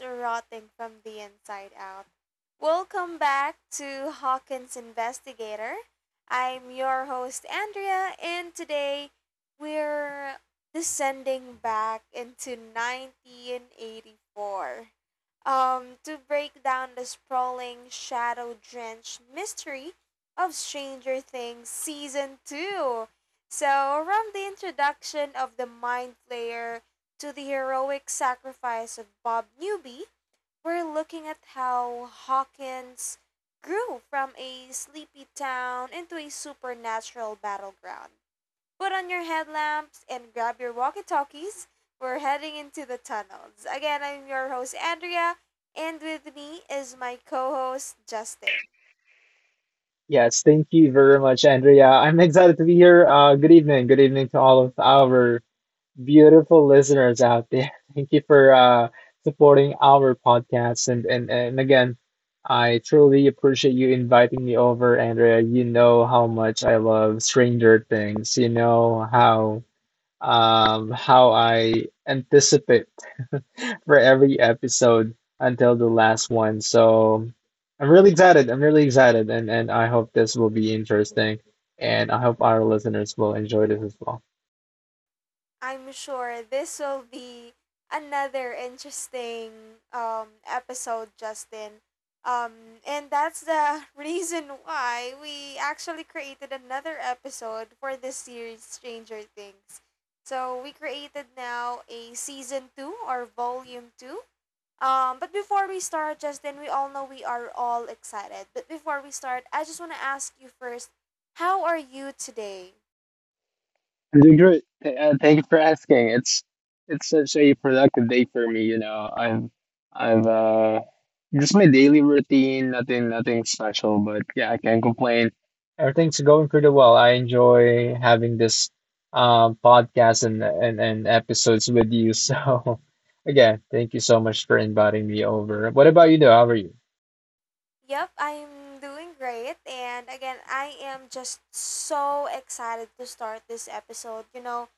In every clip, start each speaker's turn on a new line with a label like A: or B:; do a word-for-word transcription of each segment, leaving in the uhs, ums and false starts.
A: rotting from the inside out. Welcome back to Hawkins Investigator. I'm your host, Andrea, and today we're descending back into nineteen eighty-four um, to break down the sprawling, shadow drenched mystery of Stranger Things Season two. So, from the introduction of the Mind Flayer to the heroic sacrifice of Bob Newby, we're looking at how Hawkins grew from a sleepy town into a supernatural battleground. Put on your headlamps and grab your walkie talkies. We're heading into the tunnels. Again, I'm your host, Andrea, and with me is my co host, Justin.
B: Yes, thank you very much, Andrea. I'm excited to be here. Uh, good evening. Good evening to all of our beautiful listeners out there. Thank you for uh, supporting our podcast. And, and, and again, I truly appreciate you inviting me over, Andrea. You know how much I love Stranger Things. You know how um, how I anticipate for every episode until the last one. So I'm really excited. I'm really excited, and and I hope this will be interesting, and I hope our listeners will enjoy this as well.
A: I'm sure this will be another interesting um, episode, Justin. Um, and that's the reason why we actually created another episode for this series, Stranger Things. So we created now a season two or volume two. Um, but before we start, Justin, we all know we are all excited. But before we start, I just want to ask you first, how are you today?
B: I'm doing great. Th- Uh, thank you for asking. It's it's such a productive day for me. You know, I've I've uh just my daily routine. Nothing nothing special, but yeah, I can't complain. Everything's going pretty well. I enjoy having this um podcast and and, and episodes with you. So again, thank you so much for inviting me over. What about you, though? How are you?
A: Yep, I'm doing great. And again, I am just so excited to start this episode. You know,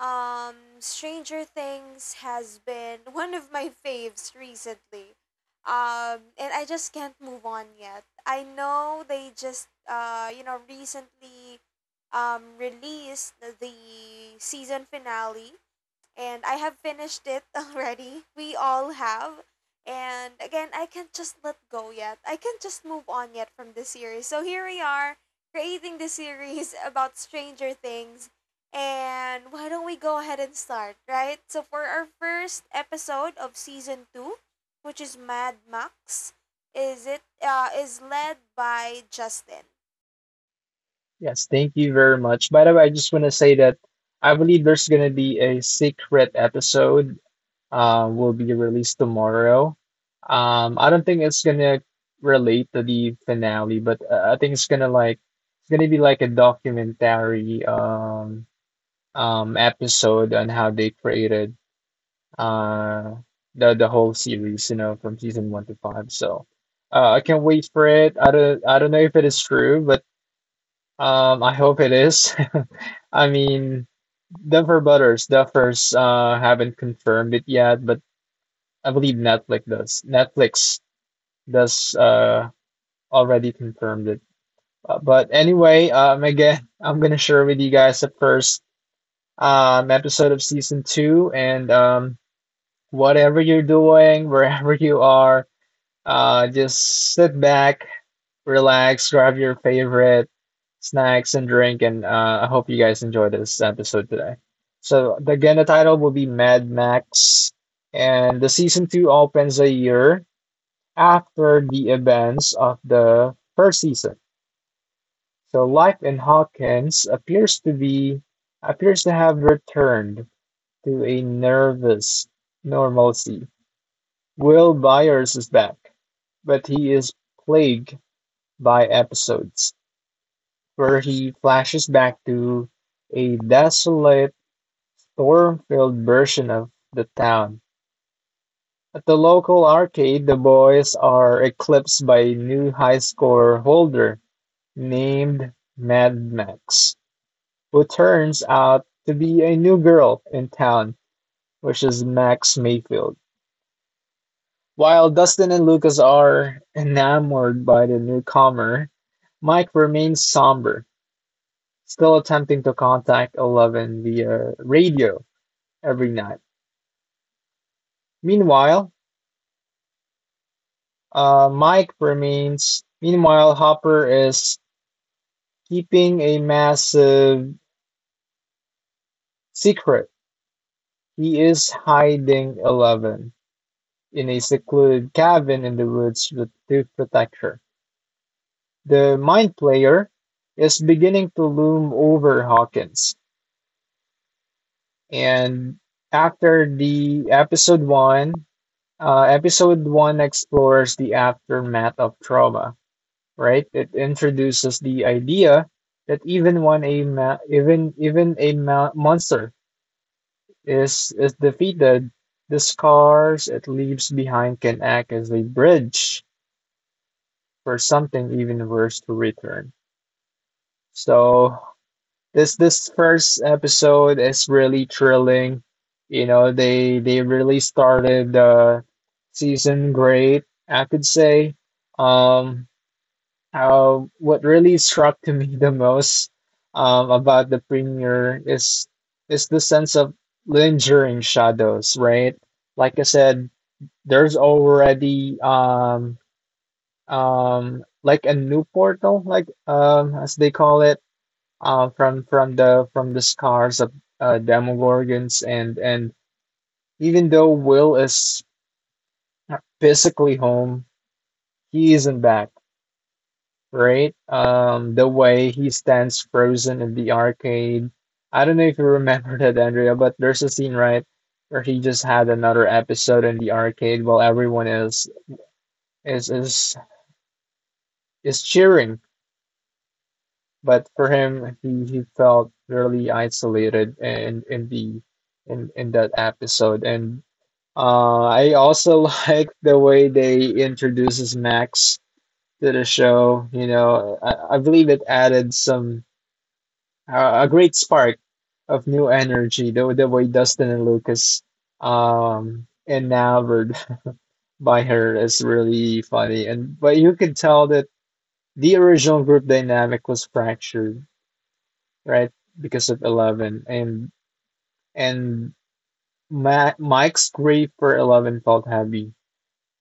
A: um, Stranger Things has been one of my faves recently. Um, and I just can't move on yet. I know they just, uh, you know, recently um, released the season finale and I have finished it already. We all have. And again, I can't just let go yet. I can't just move on yet from this series. So here we are creating this series about Stranger Things. And why don't we go ahead and start, right? So for our first episode of season two, which is Mad Max, is it uh, is led by Justin.
B: Yes, thank you very much. By the way, I just want to say that I believe there's gonna be a secret episode um, will be released tomorrow. Um, I don't think it's gonna relate to the finale, but uh, I think it's gonna like it's gonna be like a documentary um um episode on how they created uh the the whole series, you know, from season one to five. So uh, I can't wait for it. I don't I don't know if it is true, but um I hope it is. I mean. Duffer Brothers, Duffers uh haven't confirmed it yet, but I believe Netflix does. Netflix does uh already confirmed it. Uh, but anyway, um again, I'm gonna share with you guys the first um episode of season two and um whatever you're doing, wherever you are, uh just sit back, relax, grab your favorite snacks and drink and uh I hope you guys enjoy this episode today. So again, the title will be Mad Max, and the season two opens a year after the events of the first season, so life in Hawkins appears to be appears to have returned to a nervous normalcy. Will Byers is back, but he is plagued by episodes where he flashes back to a desolate, storm-filled version of the town. At the local arcade, the boys are eclipsed by a new high score holder named Mad Max, who turns out to be a new girl in town, which is Max Mayfield. While Dustin and Lucas are enamored by the newcomer, Mike remains somber, still attempting to contact Eleven via radio every night. Meanwhile, uh, Mike remains. Meanwhile, Hopper is keeping a massive secret. He is hiding Eleven in a secluded cabin in the woods with two protect. The mind player is beginning to loom over Hawkins, and after the episode one, uh, episode one explores the aftermath of trauma. Right, it introduces the idea that even when a ma- even even a ma- monster is is defeated, the scars it leaves behind can act as a bridge for something even worse to return. So this this first episode is really thrilling. You know, they they really started the season great, I could say. Um, uh, what really struck to me the most um, about the premiere is is the sense of lingering shadows, right? Like I said, there's already um um like a new portal, like um as they call it, uh from from the from the scars of uh Demogorgons, and and even though Will is physically home, he isn't back, right? Um the way he stands frozen in the arcade, I don't know if you remember that, Andrea, but there's a scene, right, where he just had another episode in the arcade while everyone is is is is cheering. But for him, he, he felt really isolated in in the in in that episode. And uh, I also like the way they introduces Max to the show. You know, I, I believe it added some uh, a great spark of new energy. The the way Dustin and Lucas um enamored by her is really funny. And but you could tell that the original group dynamic was fractured, right? Because of Eleven and and Ma Mike's grief for Eleven felt heavy.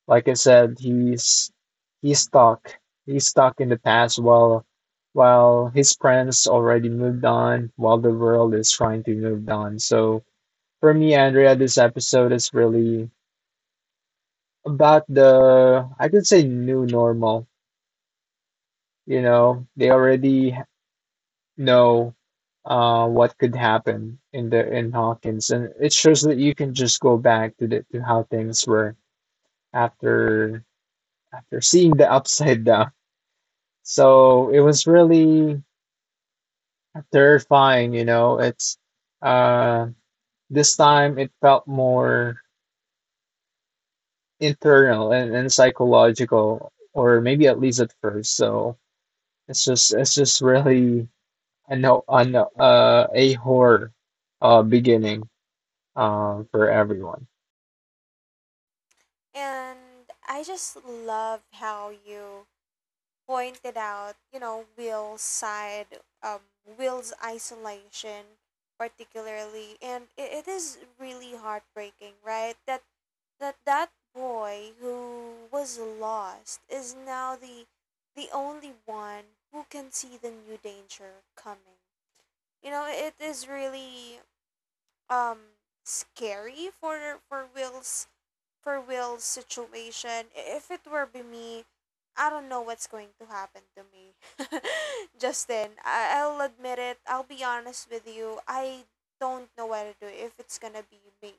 B: Like I said, he's he's stuck. He's stuck in the past, while while his friends already moved on, while the world is trying to move on. So for me, Andrea, this episode is really about the, I could say, new normal. You know, they already know uh, what could happen in the in Hawkins, and it shows that you can just go back to the to how things were after after seeing the upside down. So it was really terrifying, you know. It's uh, this time it felt more internal and, and psychological, or maybe at least at first. So it's just it's just really a no, a, no, uh, a horror uh, beginning uh, for everyone.
A: And I just love how you pointed out, you know, Will's side, um, Will's isolation, particularly, and it, it is really heartbreaking, right? That that that boy who was lost is now the the only one who can see the new danger coming. You know, it is really um scary for for Will's for Will's situation. If it were be me, I don't know what's going to happen to me. Justin, I- I'll admit it. I'll be honest with you. I don't know what to do if it's gonna be me.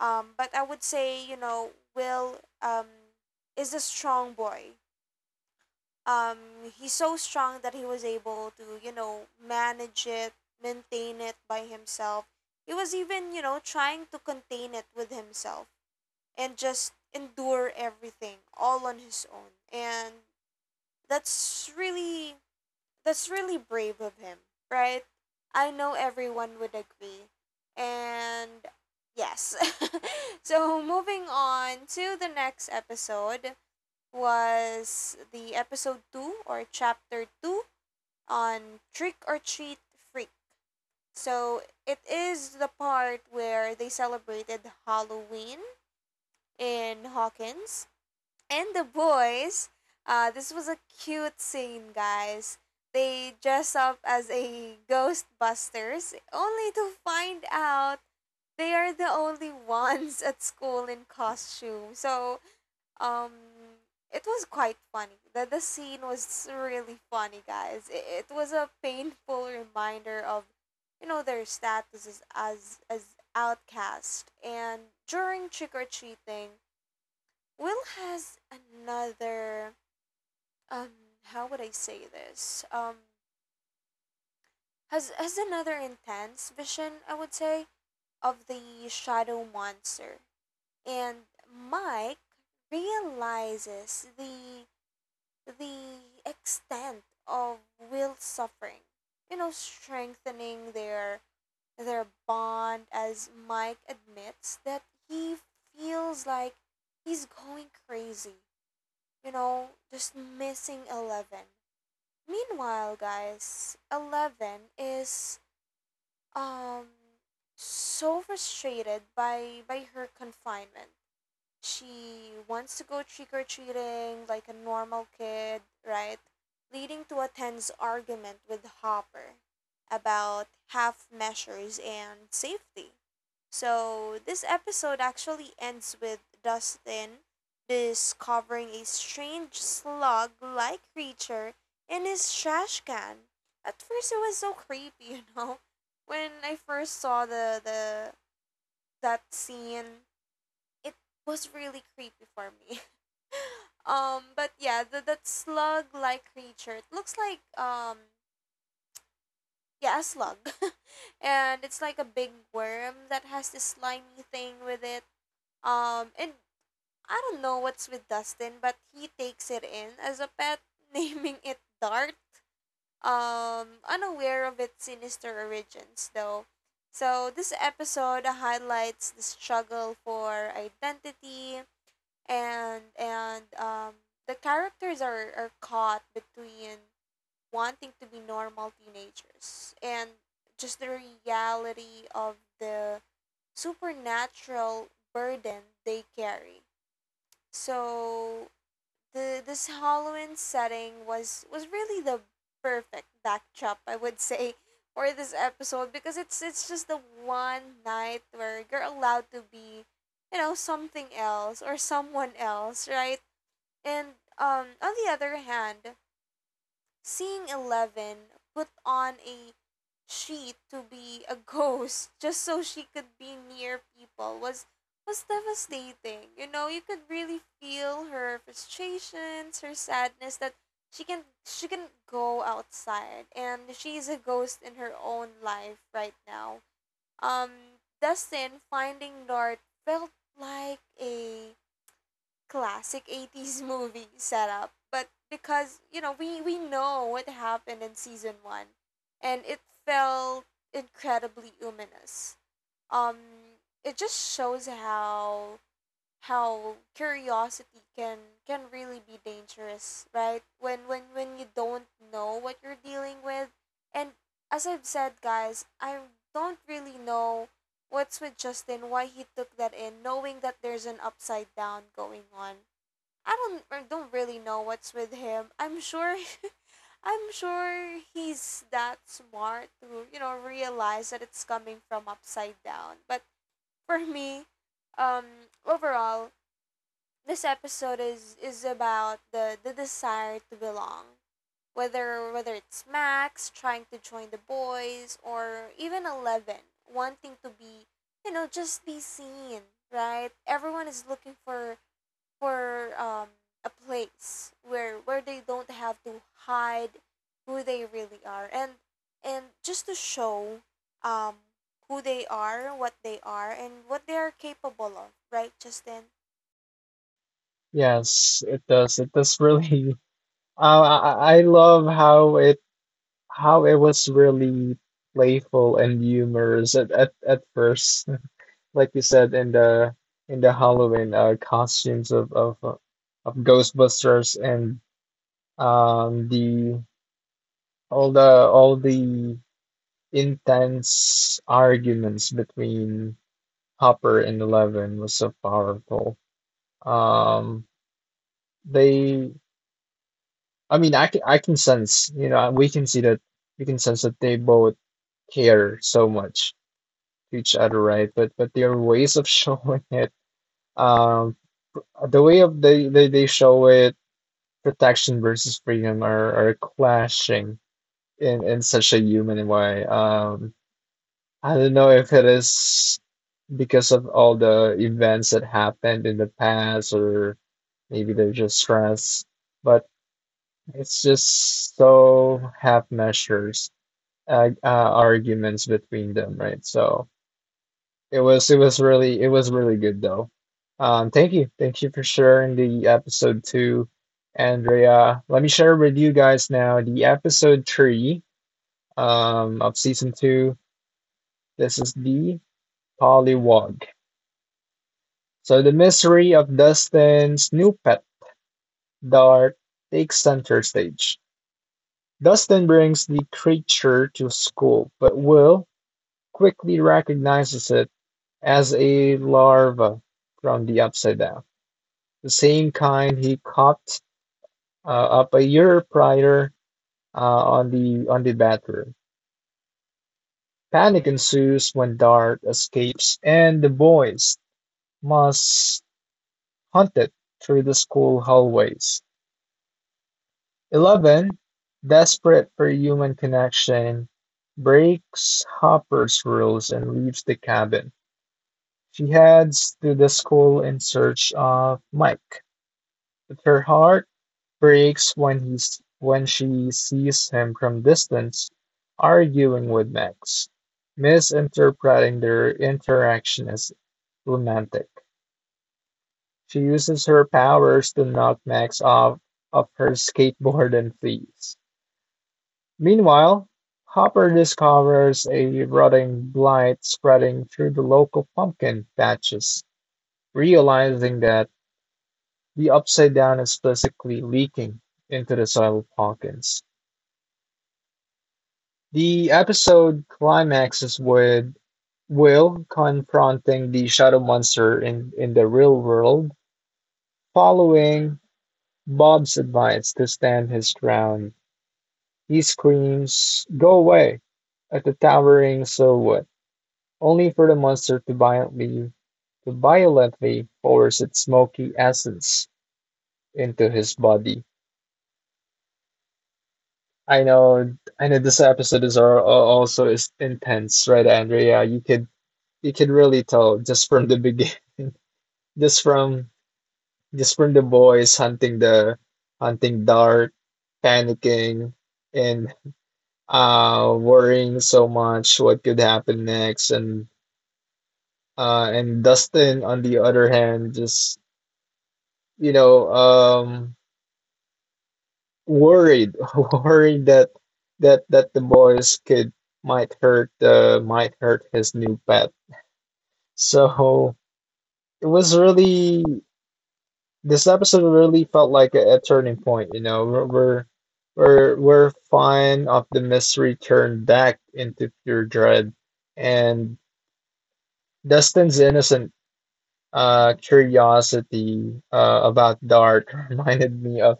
A: Um, but I would say you know Will um is a strong boy. Um, he's so strong that he was able to you know manage it, maintain it by himself. He was even you know trying to contain it with himself and just endure everything all on his own. And that's really that's really brave of him, right? I know everyone would agree. And yes. So moving on to the next episode was the episode two or chapter two on trick or treat freak. So it is the part where they celebrated Halloween in Hawkins and the boys. Uh, this was a cute scene, guys. They dress up as a Ghostbusters only to find out they are the only ones at school in costume. So, um, it was quite funny. The, the scene was really funny, guys. It, it was a painful reminder of, you know, their statuses as, as outcast. And during trick or treating, Will has another um, how would I say this? Um has has another intense vision, I would say, of the shadow monster. And Mike realizes the the extent of Will's suffering. You know, strengthening their their bond as Mike admits that he feels like he's going crazy, you know, just missing eleven. Meanwhile, guys, eleven is um so frustrated by by her confinement. She wants to go trick or treating like a normal kid, right? Leading to a tense argument with Hopper about half measures and safety. So this episode actually ends with Dustin discovering a strange slug like creature in his trash can. At first, it was so creepy, you know? When I first saw the, the that scene, it was really creepy for me. Um, but yeah, the, that slug-like creature. It looks like um, yeah, a slug, and it's like a big worm that has this slimy thing with it. Um, and I don't know what's with Dustin, but he takes it in as a pet, naming it Dart. Um, unaware of its sinister origins, though. So this episode highlights the struggle for identity, and and um, the characters are, are caught between wanting to be normal teenagers and just the reality of the supernatural burden they carry. So the this Halloween setting was was really the perfect backdrop, I would say, for this episode, because it's it's just the one night where you're allowed to be, you know, something else or someone else, right? and um, On the other hand, seeing Eleven put on a sheet to be a ghost just so she could be near people was was devastating. You know, you could really feel her frustrations, her sadness that she can she can go outside and she's a ghost in her own life right now. Um, Dustin finding Nort felt like a classic eighties movie setup, but because you know we we know what happened in season one and it felt incredibly ominous. Um, it just shows how how curiosity can can really be dangerous, right, when when when you don't know what you're dealing with. And as I've said, guys, I don't really know what's with Justin, why he took that in knowing that there's an upside down going on. I don't I don't really know what's with him. I'm sure I'm sure he's that smart to, you know, realize that it's coming from upside down. But for me, um overall, this episode is is about the the desire to belong. Whether whether it's Max trying to join the boys or even Eleven wanting to be, you know, just be seen, right? Everyone is looking for for um, a place where where they don't have to hide who they really are and and just to show um, who they are, what they are, and what they are capable of, right, Justin?
B: Yes, it does. It does really. Uh, I I I love how it how it was really playful and humorous at at, at first, like you said, in the in the Halloween uh, costumes of of uh, of Ghostbusters, and um the all the all the intense arguments between Hopper and Eleven was so powerful. Um, they, I mean, I can I can sense, you know, we can see that, we can sense that they both care so much to each other, right? But but their ways of showing it, um, the way of they they, they show it, protection versus freedom are are clashing in in such a human way. Um, I don't know if it is because of all the events that happened in the past, or maybe they're just stressed, but it's just so half measures ag uh, arguments between them, right? So it was it was really it was really good though. Um, thank you, thank you for sharing the episode two, Andrea. Let me share with you guys now the episode three, um, of season two. This is the Pollywog. So the mystery of Dustin's new pet, Dart, takes center stage. Dustin brings the creature to school, but Will quickly recognizes it as a larva from the Upside Down, the same kind he copped uh, up a year prior uh, on the on the bathroom. Panic ensues when Dart escapes, and the boys must hunt it through the school hallways. Eleven, desperate for human connection, breaks Hopper's rules and leaves the cabin. She heads to the school in search of Mike. With her heart breaks when he's when she sees him from distance, arguing with Max, misinterpreting their interaction as romantic. She uses her powers to knock Max off of her skateboard and flees. Meanwhile, Hopper discovers a rotting blight spreading through the local pumpkin patches, realizing that the upside down is physically leaking into the soil of Hawkins. The episode climaxes with Will confronting the shadow monster in, in the real world, following Bob's advice to stand his ground. He screams, Go away! At the towering silhouette, only for the monster to violently, to violently force its smoky essence into his body. I know, I know this episode is al- al- also is intense, right, Andrea? You could you could really tell just from the beginning. Just from just from the boys hunting the hunting dark, panicking, and uh worrying so much what could happen next, and uh and Dustin on the other hand, just you know um worried worried that that that the boys could might hurt uh might hurt his new pet. So it was really this episode really felt like a, a turning point. You know, we're we're we're, we're fine of the mystery turned back into pure dread, and Dustin's innocent uh, curiosity uh, about Dart reminded me of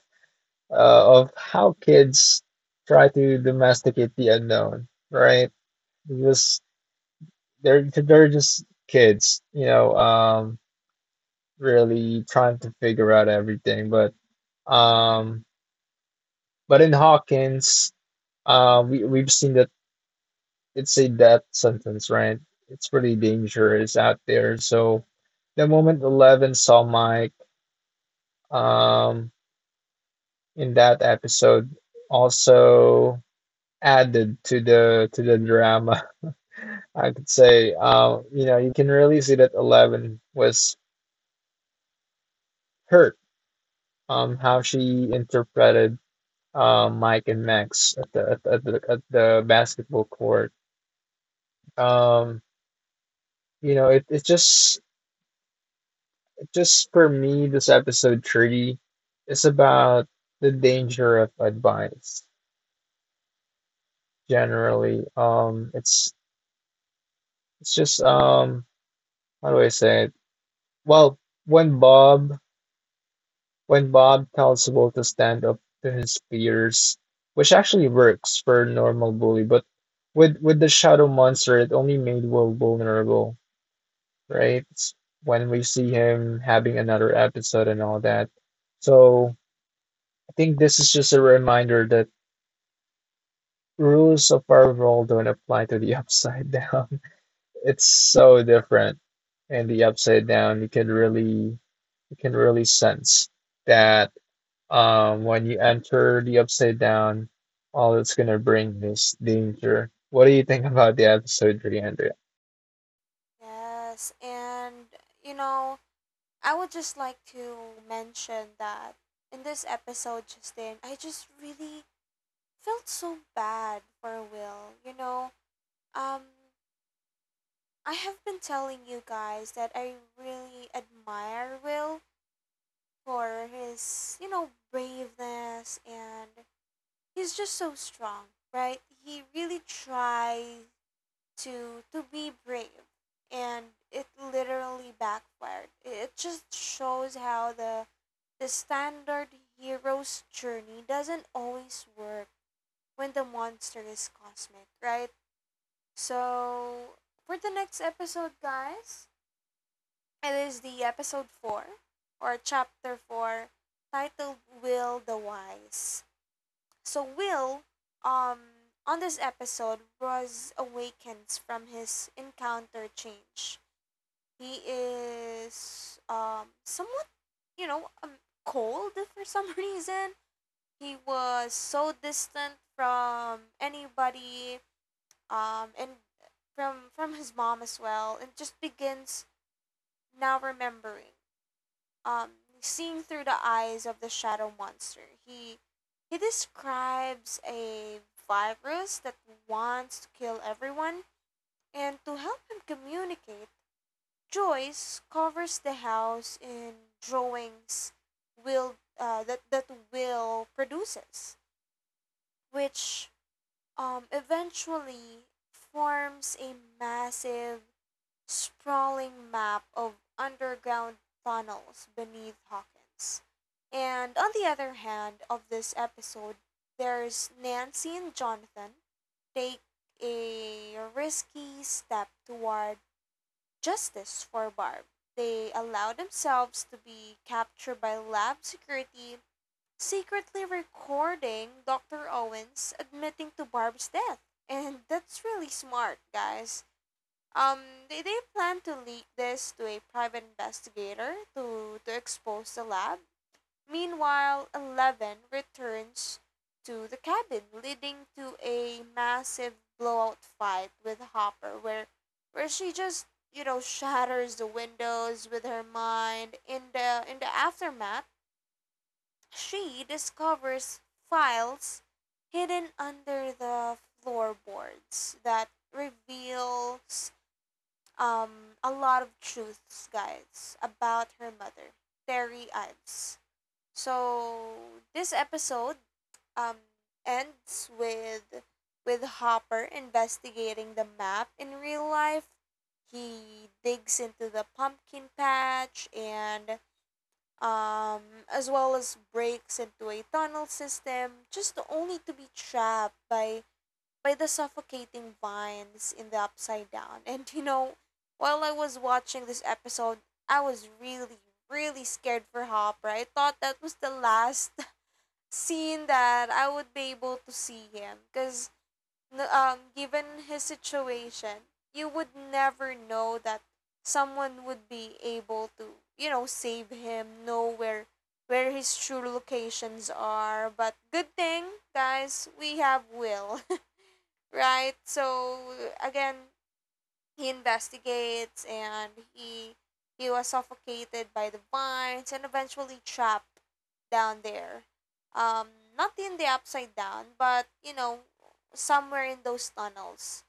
B: uh, of how kids try to domesticate the unknown, right? Because they're they're just kids, you know, um, really trying to figure out everything. But um, But in Hawkins, uh, we we've seen that it's a death sentence, right? It's pretty dangerous out there. So the moment Eleven saw Mike, um, in that episode, also added to the, to the drama. I could say, uh, you know, you can really see that Eleven was hurt. Um, how she interpreted uh, Mike and Max at the at the, at the basketball court. Um, you know, it, it just just for me, this episode thirty is about the danger of advice generally. Um, it's it's just um, how do I say it? Well, when Bob when Bob tells Will to stand up to his fears, which actually works for a normal bully, but with with the shadow monster, it only made Will vulnerable, right? It's when we see him having another episode and all that. So I think this is just a reminder that rules of our world don't apply to the upside down. It's so different. And the upside down, you can really you can really sense that um, when you enter the upside down, all it's gonna bring is danger. What do you think about the episode, Andrea?
A: Yes, and you know, I would just like to mention that in this episode, Justin, I just really felt so bad for Will. You know, um, I have been telling you guys that I really admire Will for his, you know, braveness and he's just so strong, right? He really tried to to be brave and it literally backfired. It just shows how the the standard hero's journey doesn't always work when the monster is cosmic, right? So, for the next episode, guys, it is the episode four or chapter four titled Will the Wise. So Will um on this episode was awakens from his encounter change. He is um somewhat, you know, um, cold for some reason. He was so distant from anybody um and from from his mom as well and just begins now remembering um, seeing through the eyes of the shadow monster. He he describes a virus that wants to kill everyone, and to help him communicate, Joyce covers the house in drawings will uh, that that Will produces, which um, eventually forms a massive sprawling map of underground tunnels beneath Hawkins. And on the other hand of this episode, there's Nancy and Jonathan take a risky step toward justice for Barb. They allow themselves to be captured by lab security, secretly recording doctor Owens admitting to Barb's death. And that's really smart, guys. Um, they, they plan to leak this to a private investigator to, to expose the lab. Meanwhile, Eleven returns to the cabin, leading to a massive blowout fight with Hopper, where, where she just you know shatters the windows with her mind. In the in the aftermath, she discovers files hidden under the floorboards that reveals um, a lot of truths, guys, about her mother, Terry Ives. So this episode um, ends with with Hopper investigating the map in real life. He digs into the pumpkin patch and um, as well as breaks into a tunnel system just only to be trapped by by the suffocating vines in the upside down. And you know, while I was watching this episode, I was really, really scared for Hopper. I thought that was the last scene that I would be able to see him. Because, um, given his situation, you would never know that someone would be able to, you know, save him, know where where his true locations are. But good thing, guys, we have Will, right? So again, he investigates and he he was suffocated by the vines and eventually trapped down there. Um, not in the upside down, but you know, somewhere in those tunnels.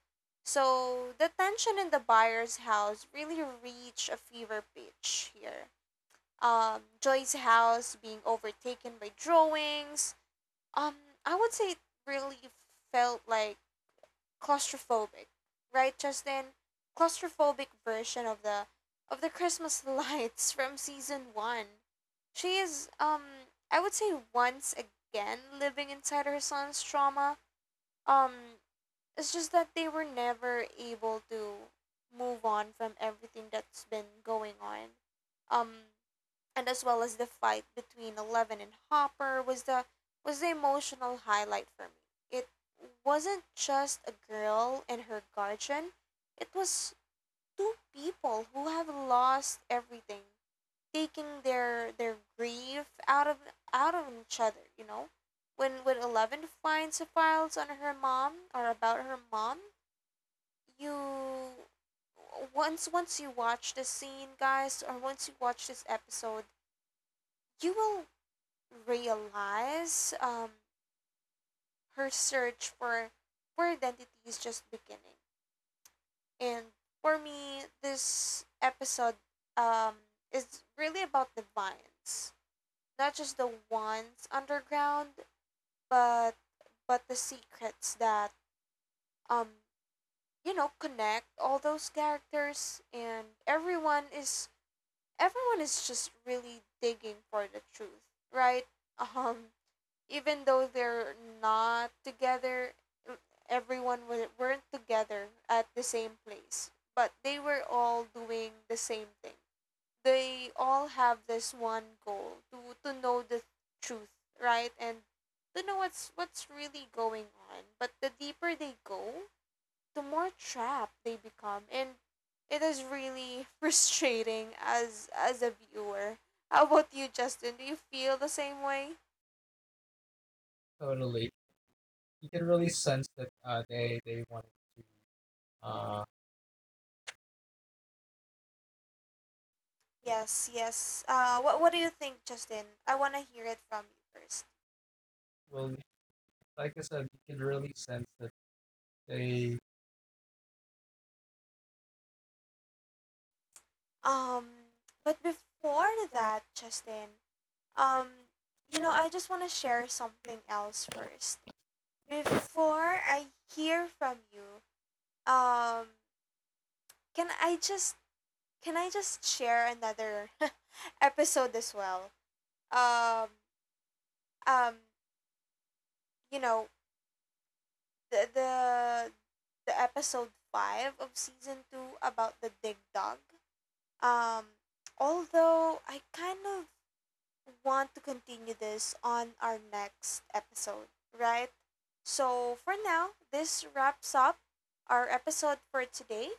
A: So the tension in the buyer's house really reached a fever pitch here. Um, Joy's house being overtaken by drawings. Um, I would say it really felt like claustrophobic, right, Justin? Claustrophobic version of the of the Christmas lights from season one. She is um I would say once again living inside her son's trauma. Um, it's just that they were never able to move on from everything that's been going on. Um and as well as the fight between Eleven and Hopper was the was the emotional highlight for me. It wasn't just a girl and her guardian. It was two people who have lost everything, taking their their grief out of out of each other, you know? When when Eleven finds the files on her mom or about her mom, you once once you watch the scene, guys, or once you watch this episode, you will realize um, her search for for identity is just beginning. And for me, this episode um, is really about the vines, not just the ones underground, but but the secrets that um you know connect all those characters, and everyone is everyone is just really digging for the truth, right? Um, even though they're not together, everyone wa- weren't together at the same place, but they were all doing the same thing. They all have this one goal to to know the truth, right, and to know what's what's really going on. But the deeper they go, the more trapped they become, and it is really frustrating as as a viewer. How about you, Justin? Do you feel the same way?
B: Totally. You can really sense that uh, they they wanted to. Uh,
A: Yes, yes. Uh, what what do you think, Justin? I wanna hear it from you first.
B: well, like I said, you can really sense that they
A: Um, but before that, Justin, um, you know, I just wanna share something else first. Before I hear from you, um, can I just can I just share another episode as well? Um, um, you know, the the the episode five of season two about the dig dog. Um, although I kind of want to continue this on our next episode, right? So for now, this wraps up our episode for today.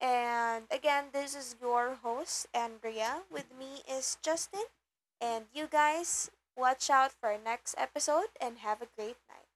A: And again, this is your host, Andrea. With me is Justin. And you guys, watch out for our next episode and have a great night.